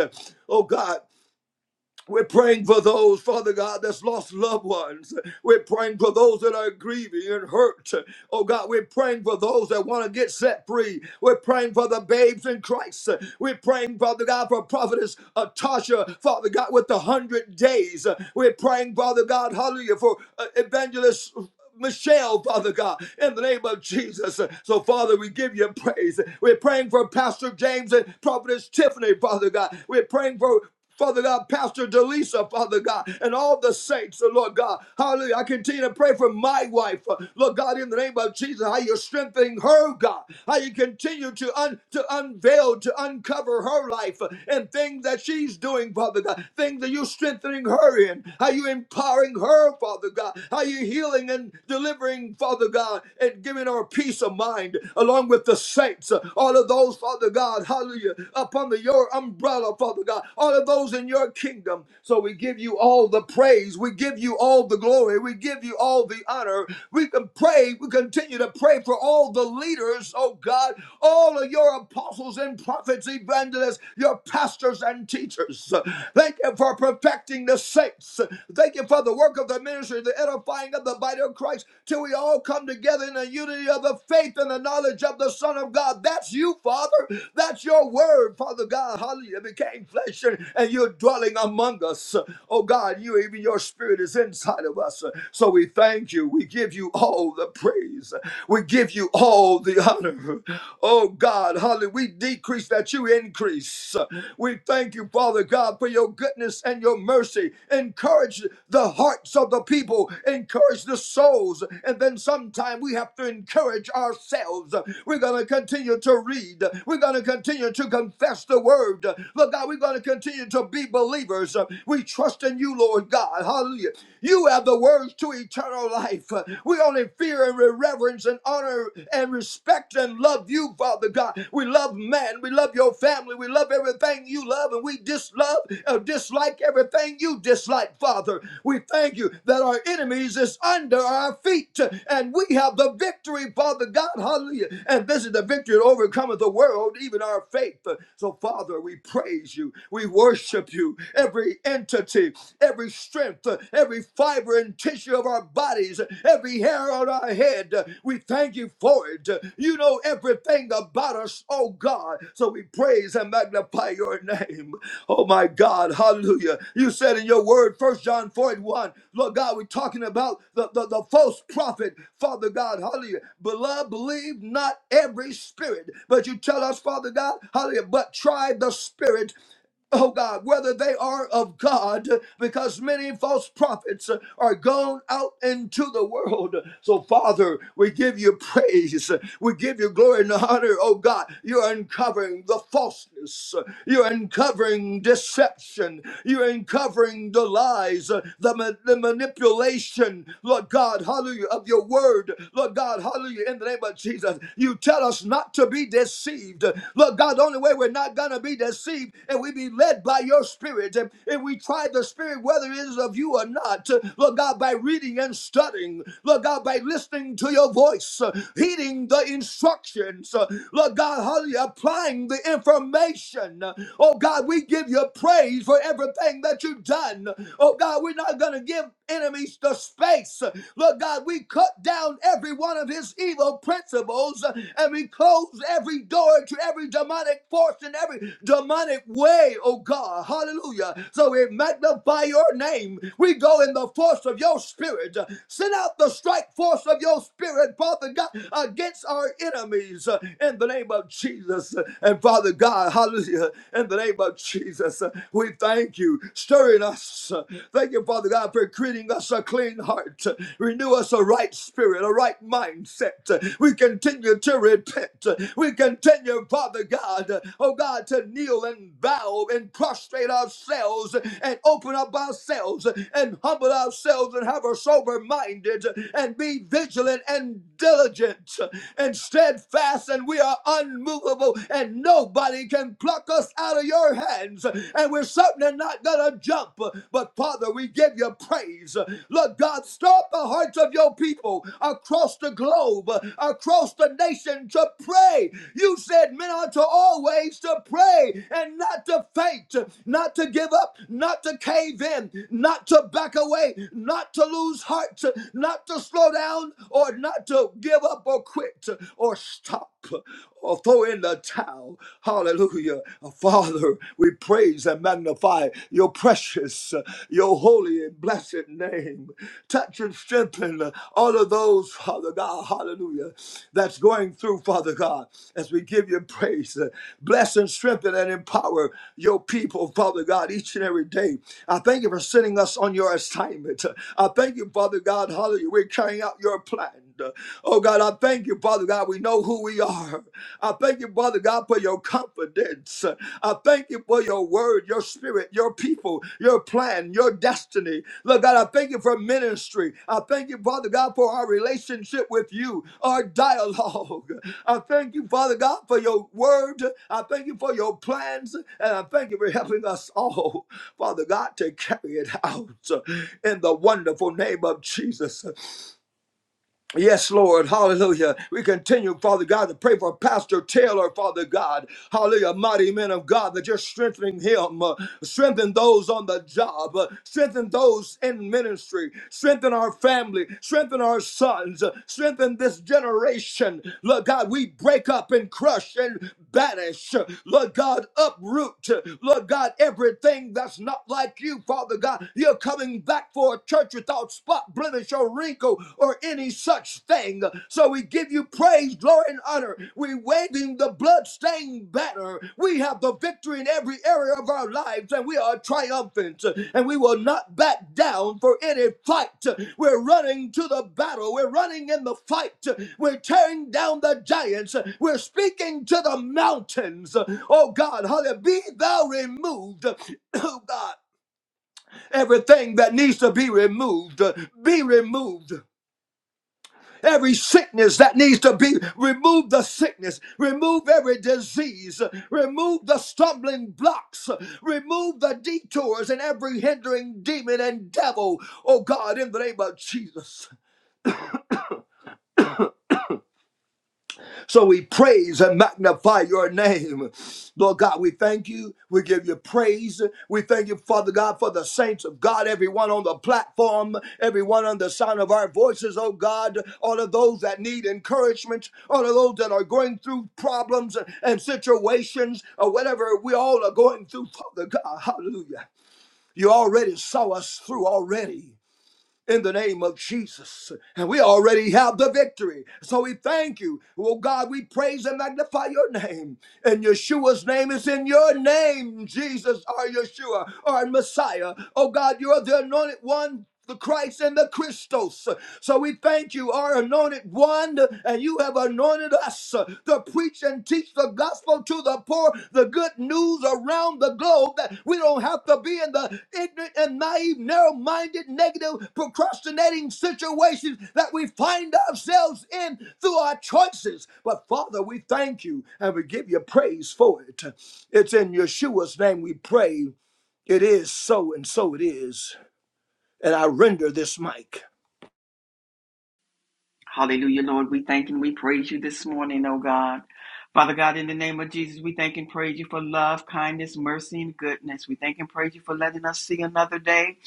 S4: Oh God. We're praying for those, Father God, that's lost loved ones. We're praying for those that are grieving and hurt. Oh God, we're praying for those that want to get set free. We're praying for the babes in Christ. We're praying, Father God, for prophetess uh, Tasha, Father God, with the hundred days. We're praying, Father God, hallelujah, for uh, evangelist Michelle, Father God, in the name of Jesus. So, Father, we give you praise. We're praying for Pastor James and Prophetess Tiffany, Father God. We're praying for Father God, Pastor Delisa, Father God, and all the saints, oh Lord God. Hallelujah. I continue to pray for my wife, uh, Lord God, in the name of Jesus, how you're strengthening her, God, how you continue to, un- to unveil, to uncover her life uh, and things that she's doing, Father God, things that you're strengthening her in, how you empowering her, Father God, how you healing and delivering, Father God, and giving her peace of mind, along with the saints, uh, all of those, Father God, hallelujah, up under your umbrella, Father God, all are those in your kingdom. So we give you all the praise. We give you all the glory. We give you all the honor. We can pray. We continue to pray for all the leaders, oh God, all of your apostles and prophets, evangelists, your pastors and teachers. Thank you for perfecting the saints. Thank you for the work of the ministry, the edifying of the body of Christ, till we all come together in the unity of the faith and the knowledge of the Son of God. That's you, Father. That's your word, Father God. Hallelujah. It became flesh mansion and you're dwelling among us. Oh God, you even your spirit is inside of us. So we thank you. We give you all the praise. We give you all the honor. Oh God, hallelujah. We decrease that you increase. We thank you, Father God, for your goodness and your mercy. Encourage the hearts of the people, encourage the souls, and then sometime we have to encourage ourselves. We're going to continue to read, we're going to continue to confess the word. Look, God, we're going to continue to be believers. Uh, We trust in you, Lord God. Hallelujah. You have the words to eternal life. Uh, We only fear and reverence and honor and respect and love you, Father God. We love man. We love your family. We love everything you love, and we dislove, uh, dislike everything you dislike, Father. We thank you that our enemies is under our feet, uh, and we have the victory, Father God. Hallelujah. And this is the victory that overcometh the world, even our faith. Uh, So, Father, we praise you. We worship you. Every entity, every strength, uh, every fiber and tissue of our bodies, uh, every hair on our head, uh, we thank you for it. Uh, You know everything about us, oh God. So we praise and magnify your name. Oh my God, hallelujah. You said in your word, First John 4 and 1, Lord God, we're talking about the, the, the false prophet, Father God, hallelujah. Beloved, believe not every spirit, but you tell us, Father God, hallelujah, but try the spirit Oh God, whether they are of God, because many false prophets are gone out into the world. So, Father, we give you praise. We give you glory and honor. Oh God, you're uncovering the falseness. You're uncovering deception. You're uncovering the lies, the, ma- the manipulation, Lord God, hallelujah, of your word. Lord God, hallelujah, in the name of Jesus. You tell us not to be deceived deceived. Lord God, the only way we're not going to be deceived and we be led by your spirit. And if we try the spirit, whether it is of you or not. Lord God, by reading and studying. Lord God, by listening to your voice, uh, heeding the instructions. uh, Lord God, hallelujah, applying the information. Oh God, we give you praise for everything that you've done. Oh God, we're not going to give enemies the space. Lord God, we cut down every one of his evil evil principles uh, and we close every door to every demonic force and every demonic way, oh God. Hallelujah. So we magnify your name. We go in the force of your spirit. Send out the strike force of your spirit, Father God, against our enemies uh, in the name of Jesus. And Father God, hallelujah, in the name of Jesus, uh, we thank you, stirring us. Thank you, Father God, for creating us a clean heart heart. Renew us a right spirit, a right mindset. We continue to repent. We continue, Father God, oh God, to kneel and bow and prostrate ourselves and open up ourselves and humble ourselves and have a sober minded and be vigilant and diligent and steadfast, and we are unmovable, and nobody can pluck us out of your hands. And we're certainly not gonna jump up. But Father, we give you praise. Lord God, stir up the hearts of your people across the globe, across the nation to pray. You said men are to always to pray and not to faint, not to give up, not to cave in, not to back away, not to lose heart, not to slow down or not to give up or quit or stop or throw in the towel. Hallelujah. Uh, Father, we praise and magnify your precious, uh, your holy and blessed name. Touch and strengthen uh, all of those, Father God, hallelujah, that's going through, Father God, as we give you praise. Uh, Bless and strengthen and empower your people, Father God, each and every day. I thank you for sending us on your assignment. Uh, I thank you, Father God, hallelujah. We're carrying out your plan hand. Oh God, I thank you, Father God. We know who we are. I thank you, Father God, for your confidence. I thank you for your word, your spirit, your people, your plan, your destiny. Lord God, I thank you for ministry. I thank you, Father God, for our relationship with you, our dialogue. I thank you, Father God, for your word. I thank you for your plans. And I thank you for helping us all, Father God, to carry it out in the wonderful name of Jesus. Yes, Lord. Hallelujah. We continue, Father God, to pray for Pastor Taylor, Father God. Hallelujah. Mighty men of God, that you're strengthening him. Uh, strengthen those on the job. Uh, strengthen those in ministry. Strengthen our family. Strengthen our sons. Uh, strengthen this generation. Lord God, we break up and crush and banish. Uh, Lord God, uproot. Uh, Lord God, everything that's not like you, Father God. You're coming back for a church church without spot, blemish, or wrinkle, or any such thing. So we give you praise, glory, and honor. We waving the bloodstained banner. We have the victory in every area of our lives, and we are triumphant, and we will not back down for any fight. We're running to the battle. We're running in the fight. We're tearing down the giants. We're speaking to the mountains. Oh God, hallelujah. Be thou removed. [COUGHS] Oh God. Everything that needs to be removed, uh, be removed. Every sickness that needs to be remove the sickness, remove every disease, uh, remove the stumbling blocks, uh, remove the detours and every hindering demon and devil. Oh God, in the name of Jesus. So we praise and magnify your name. Lord God, we thank you. We give you praise. We thank you, Father God, for the saints of God, everyone on the platform, everyone on the sound of our voices, oh God, all of those that need encouragement, all of those that are going through problems and situations or whatever we all are going through, Father God. Hallelujah. You already saw us through already in the name of Jesus. And we already have the victory. So we thank you. Oh God, we praise and magnify your name. And Yeshua's name is in your name, Jesus, our Yeshua, our Messiah. Oh God, you're the anointed one. The Christ and the Christos. So we thank you, our anointed one, and you have anointed us to preach and teach the gospel to the poor, the good news around the globe. That we don't have to be in the ignorant and naive, narrow minded, negative, procrastinating situations that we find ourselves in through our choices. But Father, we thank you and we give you praise for it. It's in Yeshua's name we pray. It is so, and so it is. And I render this mic.
S5: Hallelujah, Lord. We thank and we praise you this morning, oh God. Father God, in the name of Jesus, we thank and praise you for love, kindness, mercy, and goodness. We thank and praise you for letting us see another day.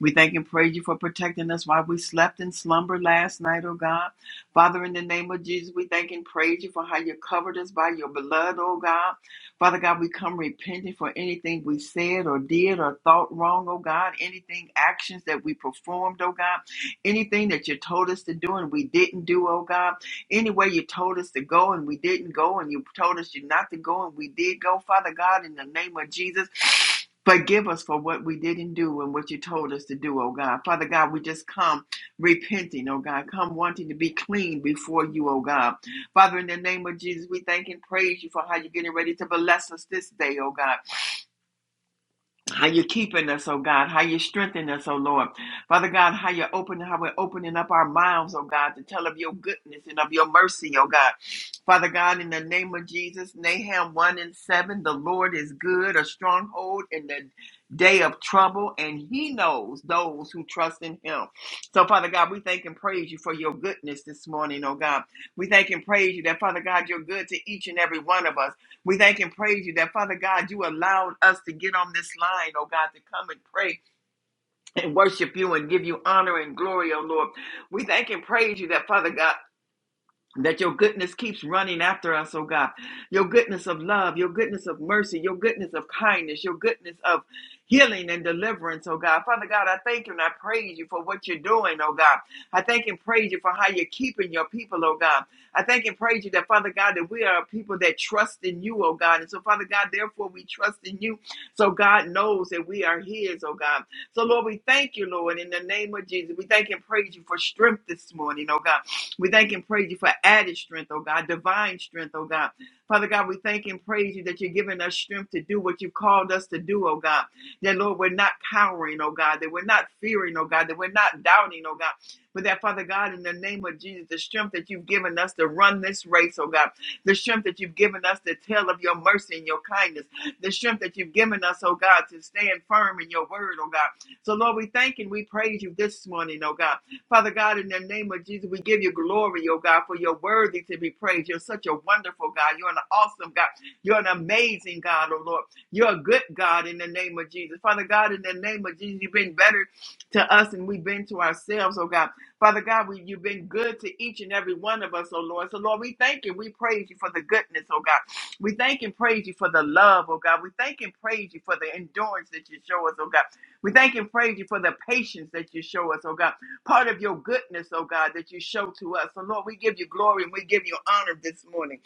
S5: We thank and praise you for protecting us while we slept in slumber last night, oh God. Father, in the name of Jesus, we thank and praise you for how you covered us by your blood, oh God. Father God, we come repenting for anything we said or did or thought wrong, oh God, anything actions that we performed, oh God. Anything that you told us to do and we didn't do, oh God. Anywhere you told us to go and we didn't go, and you told us you not to go and we did go, Father God, in the name of Jesus, forgive us for what we didn't do and what you told us to do, oh God. Father God, we just come repenting, oh God, come wanting to be clean before you, oh God. Father, in the name of Jesus, we thank and praise you for how you're getting ready to bless us this day, oh God how you're keeping us, oh God, how you're strengthening us, oh Lord. Father God, how you're opening, how we're opening up our mouths, oh God, to tell of your goodness and of your mercy, oh God. Father God, in the name of Jesus, Nahum 1 and 7, the Lord is good, a stronghold in the day of trouble, and he knows those who trust in him. So, Father God, we thank and praise you for your goodness this morning, oh God. We thank and praise you that, Father God, you're good to each and every one of us. We thank and praise you that, Father God, you allowed us to get on this line, oh God, to come and pray and worship you and give you honor and glory, oh Lord. We thank and praise you that, Father God that your goodness keeps running after us, oh God. Your goodness of love, your goodness of mercy, your goodness of kindness, your goodness of healing and deliverance, oh God. Father God, I thank you and I praise you for what you're doing, oh God. I thank and praise you for how you're keeping your people, oh God. I thank and praise you that, Father God, that we are people that trust in you, oh God. And so, Father God, therefore we trust in you. So God knows that we are his, oh God. So, Lord, we thank you, Lord, in the name of Jesus. We thank and praise you for strength this morning, oh God. We thank and praise you for added strength, oh God, divine strength, oh God. Father God, we thank and praise you that you're giving us strength to do what you've called us to do, oh God. That, Lord, we're not cowering, oh God, that we're not fearing, oh God, that we're not doubting, oh God. But that, Father God, in the name of Jesus, the strength that you've given us to run this race, oh God, the strength that you've given us to tell of your mercy and your kindness, the strength that you've given us, oh God, to stand firm in your word, oh God. So, Lord, we thank and we praise you this morning, oh God. Father God, in the name of Jesus, we give you glory, oh God, for you're worthy to be praised. You're such a wonderful God. You're an awesome God. You're an amazing God, oh Lord. You're a good God in the name of Jesus. Father God, in the name of Jesus, you've been better to us than we've been to ourselves, oh God. Father God, we, you've been good to each and every one of us, oh Lord. So, Lord, we thank you. We praise you for the goodness, oh God. We thank and praise you for the love, oh God. We thank and praise you for the endurance that you show us, oh God. We thank and praise you for the patience that you show us, oh God part of your goodness, oh God, that you show to us. So, Lord, we give you glory and we give you honor this morning.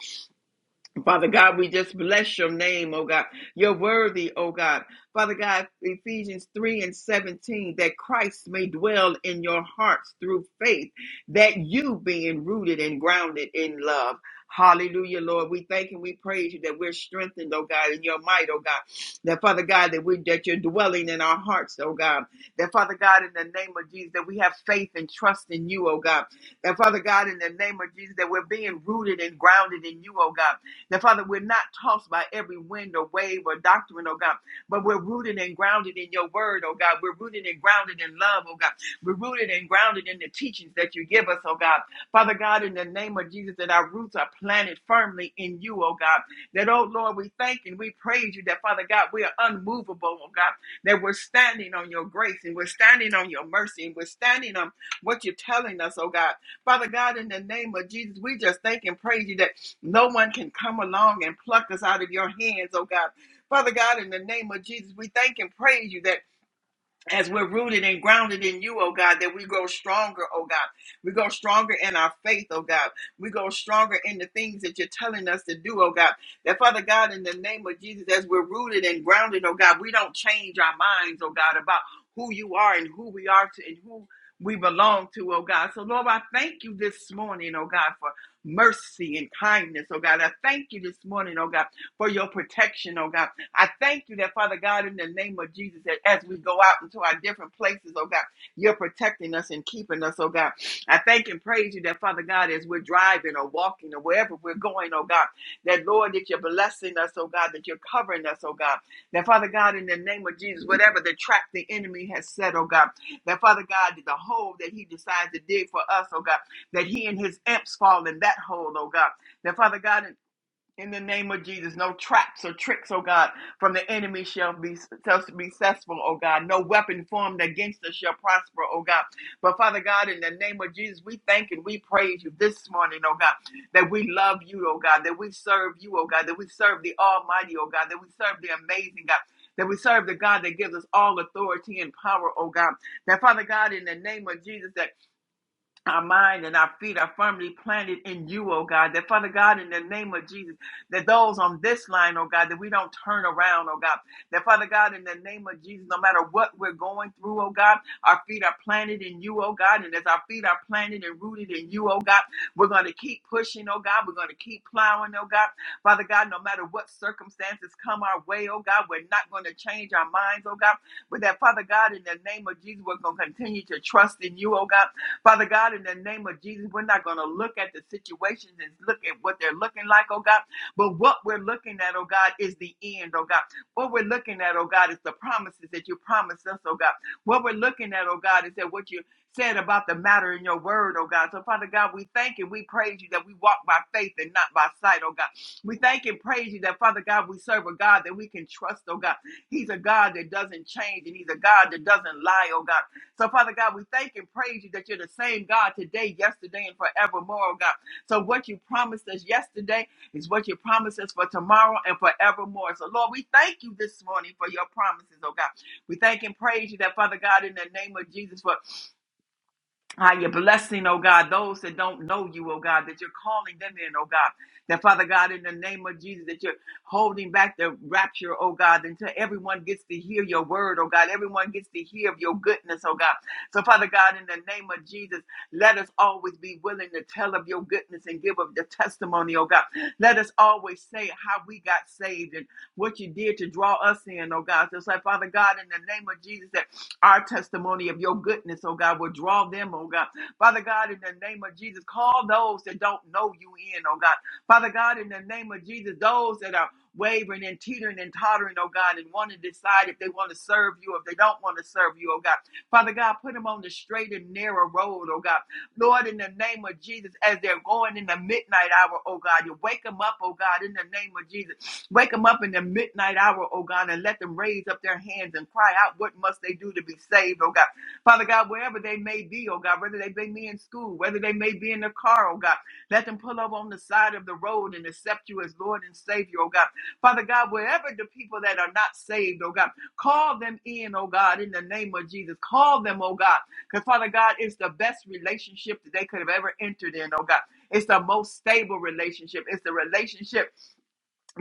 S5: Father God, we just bless your name, oh God. You're worthy, oh God. Father God, Ephesians 3 and 17, that Christ may dwell in your hearts through faith, that you being rooted and grounded in love. Hallelujah, Lord. We thank and we praise you that we're strengthened, oh God, in your might, oh God. That Father God, that we that you're dwelling in our hearts, oh God. That Father God, in the name of Jesus, that we have faith and trust in you, oh God. That Father God, in the name of Jesus, that we're being rooted and grounded in you, oh God now, Father, we're not tossed by every wind or wave or doctrine, oh God, but we're rooted and grounded in your word, oh God. We're rooted and grounded in love, oh God. We're rooted and grounded in the teachings that you give us, oh God. Father God, in the name of Jesus, that our roots are planted firmly in you, oh God. That, oh Lord, we thank and we praise you that, Father God, we are unmovable, oh God. That we're standing on your grace and we're standing on your mercy and we're standing on what you're telling us, oh God Father God, in the name of Jesus, we just thank and praise you that no one can come along and pluck us out of your hands, oh God. Father God, in the name of Jesus, we thank and praise you that as we're rooted and grounded in you, oh God, that we grow stronger, oh God. We grow stronger in our faith, oh God. We grow stronger in the things that you're telling us to do, oh God. That Father God, in the name of Jesus, as we're rooted and grounded, oh God, we don't change our minds, oh God, about who you are and who we are to and who we belong to, oh God. So Lord, I thank you this morning, oh God, for mercy and kindness, oh God. I thank you this morning, oh God, for your protection, oh God. I thank you that, Father God, in the name of Jesus, that as we go out into our different places, oh God, you're protecting us and keeping us, oh God. I thank and praise you that, Father God, as we're driving or walking or wherever we're going, oh God, that, Lord, that you're blessing us, oh God, that you're covering us, oh God. That, Father God, in the name of Jesus, whatever the trap the enemy has set, oh God, that, Father God, the hole that he decides to dig for us, oh God, that he and his imps fall in that hole, oh God. That, Father God, in the name of Jesus, no traps or tricks, oh God, from the enemy shall be shall be successful, oh God. No weapon formed against us shall prosper, oh God. But Father God, in the name of Jesus, we thank and we praise you this morning, oh God, that we love you, oh God, that we serve you, oh God, that we serve the Almighty, oh God, that we serve the amazing God. That we serve the God that gives us all authority and power, oh God. That Father God, in the name of Jesus, that our mind and our feet are firmly planted in you, oh God. That Father God, in the name of Jesus, that those on this line, oh God, that we don't turn around, oh God. That Father God, in the name of Jesus, no matter what we're going through, oh God, our feet are planted in you, oh God. And as our feet are planted and rooted in you, oh God, we're going to keep pushing, oh God. We're going to keep plowing, oh God. Father God, no matter what circumstances come our way, oh God, we're not going to change our minds, oh God. But that Father God, in the name of Jesus, we're going to continue to trust in you, oh God. Father God, in the name of Jesus, we're not going to look at the situations and look at what they're looking like, oh God. But what we're looking at, oh God, is the end, oh God. What we're looking at, oh God, is the promises that you promised us, oh God. What we're looking at, oh God, is that what you said about the matter in your word, oh God. So, Father God, we thank and we praise you that we walk by faith and not by sight, oh God. We thank and praise you that, Father God, we serve a God that we can trust, oh God. He's a God that doesn't change and He's a God that doesn't lie, oh God. So, Father God, we thank and praise you that you're the same God today, yesterday, and forevermore, oh God. So, what you promised us yesterday is what you promised us for tomorrow and forevermore. So, Lord, we thank you this morning for your promises, oh God. We thank and praise you that, Father God, in the name of Jesus, for Ah, you're blessing, oh God, those that don't know you, oh God, that you're calling them in, oh God. That Father God, in the name of Jesus, that you're holding back the rapture, oh God, until everyone gets to hear your word, oh God. Everyone gets to hear of your goodness, oh God. So, Father God, in the name of Jesus, let us always be willing to tell of your goodness and give of the testimony, oh God. Let us always say how we got saved what you did to draw us in, oh God. So it's like, Father God, in the name of Jesus, that our testimony of your goodness, oh God, will draw them, oh God. Father God, in the name of Jesus, call those that don't know you in, oh God. Father God, in the name of Jesus, those that are wavering and teetering and tottering, oh God, and want to decide if they want to serve you or if they don't want to serve you, oh God. Father God, put them on the straight and narrow road, oh God. Lord, in the name of Jesus, as they're going in the midnight hour, oh God, you wake them up, oh God, in the name of Jesus. Wake them up in the midnight hour, oh God, and let them raise up their hands and cry out, What must they do to be saved, oh God? Father God, wherever they may be, oh God, whether they may be in school, whether they may be in the car, oh God, let them pull up on the side of the road and accept you as Lord and Savior, oh God. Father God, wherever the people that are not saved, oh God, call them in, oh God, in the name of Jesus. Call them, oh God, because Father God, it's the best relationship that they could have ever entered in, oh God. It's the most stable relationship. It's the relationship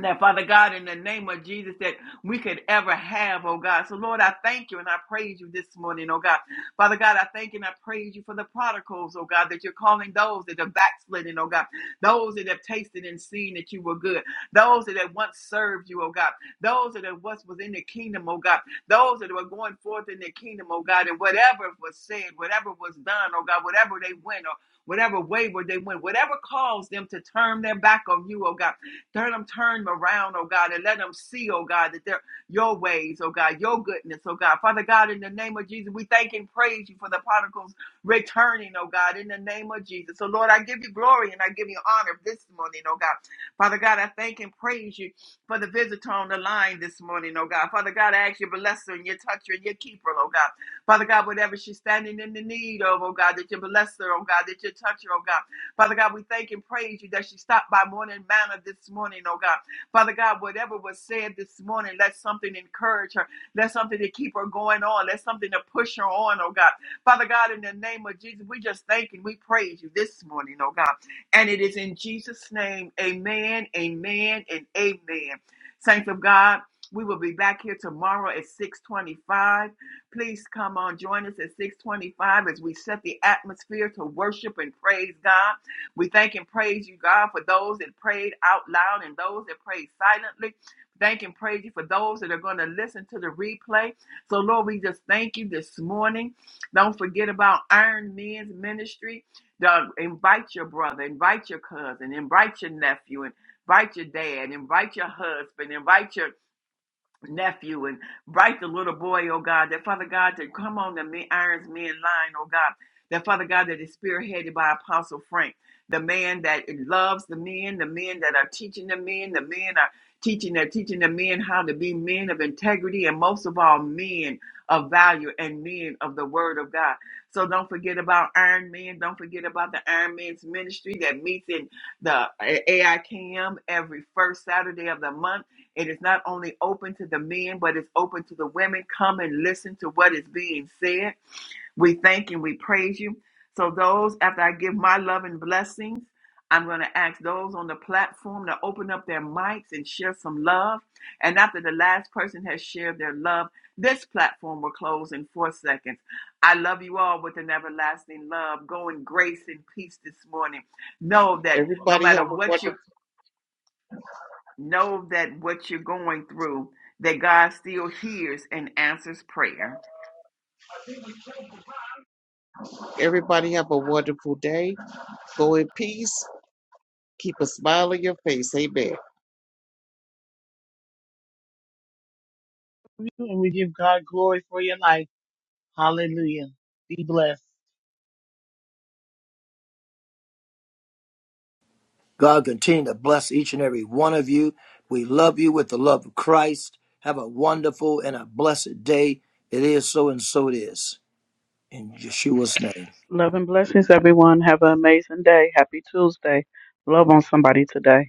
S5: that Father God, in the name of Jesus, that we could ever have, oh God. So Lord, I thank you and I praise you this morning, oh God. Father God, I thank you and I praise you for the prodigals, oh God, that you're calling those that are backslidden, oh God, those that have tasted and seen that you were good, those that have once served you, oh God, those that have once was in the kingdom, oh God, those that were going forth in the kingdom, oh God, and whatever was said, whatever was done, oh God, whatever they went, or whatever wayward they went, whatever caused them to turn their back on you, oh God. Turn them, turn them around, oh God, and let them see, oh God, that they're your ways, oh God, your goodness, oh God. Father God, in the name of Jesus, we thank and praise you for the prodigals returning, oh God, in the name of Jesus. So, Lord, I give you glory and I give you honor this morning, oh God. Father God, I thank and praise you for the visitor on the line this morning, oh God. Father God, I ask you to bless her and your toucher and your keeper, oh God. Father God, whatever she's standing in the need of, oh God, that you bless her, oh God, that you touch her, oh God. Father God, we thank and praise you that she stopped by morning manna this morning, oh God. Father God, whatever was said this morning, let something encourage her. Let something to keep her going on. Let something to push her on, oh God. Father God, in the name of Jesus, we just thank and we praise you this morning, oh God. And it is in Jesus' name, amen, amen, and amen. Saints of God, we will be back here tomorrow at 625. Please come on, join us at 625 as we set the atmosphere to worship and praise God. We thank and praise you, God, for those that prayed out loud and those that prayed silently. Thank and praise you for those that are going to listen to the replay. So, Lord, we just thank you this morning. Don't forget about Iron Men's Ministry. Doug, invite your brother, invite your cousin, invite your nephew, invite your dad, invite your husband, invite your nephew and right the little boy, oh God, that Father God, that come on the men, irons men line, oh God, that Father God, that is spearheaded by Apostle Frank, the man that loves the men, the men that are teaching the men, the men are teaching, they're teaching the men how to be men of integrity and most of all, men of value and men of the word of God. So don't forget about Iron Men. Don't forget about the Iron Men's ministry that meets in the AIKM every first Saturday of the month it is not only open to the men, but it's open to the women. Come and listen to what is being said. We thank and we praise you. So, those, after I give my love and blessings, I'm going to ask those on the platform to open up their mics and share some love. And after the last person has shared their love, this platform will close in four seconds. I love you all with an everlasting love. Go in grace and peace this morning. Know that no
S3: Everybody
S5: matter
S3: have a
S5: what you're
S3: wonderful
S5: Know that what you're going through, that God still hears and answers prayer.
S3: everybody have a wonderful day Go in peace. Keep a smile on your face. Amen.
S2: And we give God glory for your life. Hallelujah. Be blessed.
S4: God continue to bless each and every one of you. We love you with the love of Christ. Have a wonderful and a blessed day. It is so and so it is. In Yeshua's name.
S1: Love and blessings, everyone. Have an amazing day. Happy Tuesday. Love on somebody today.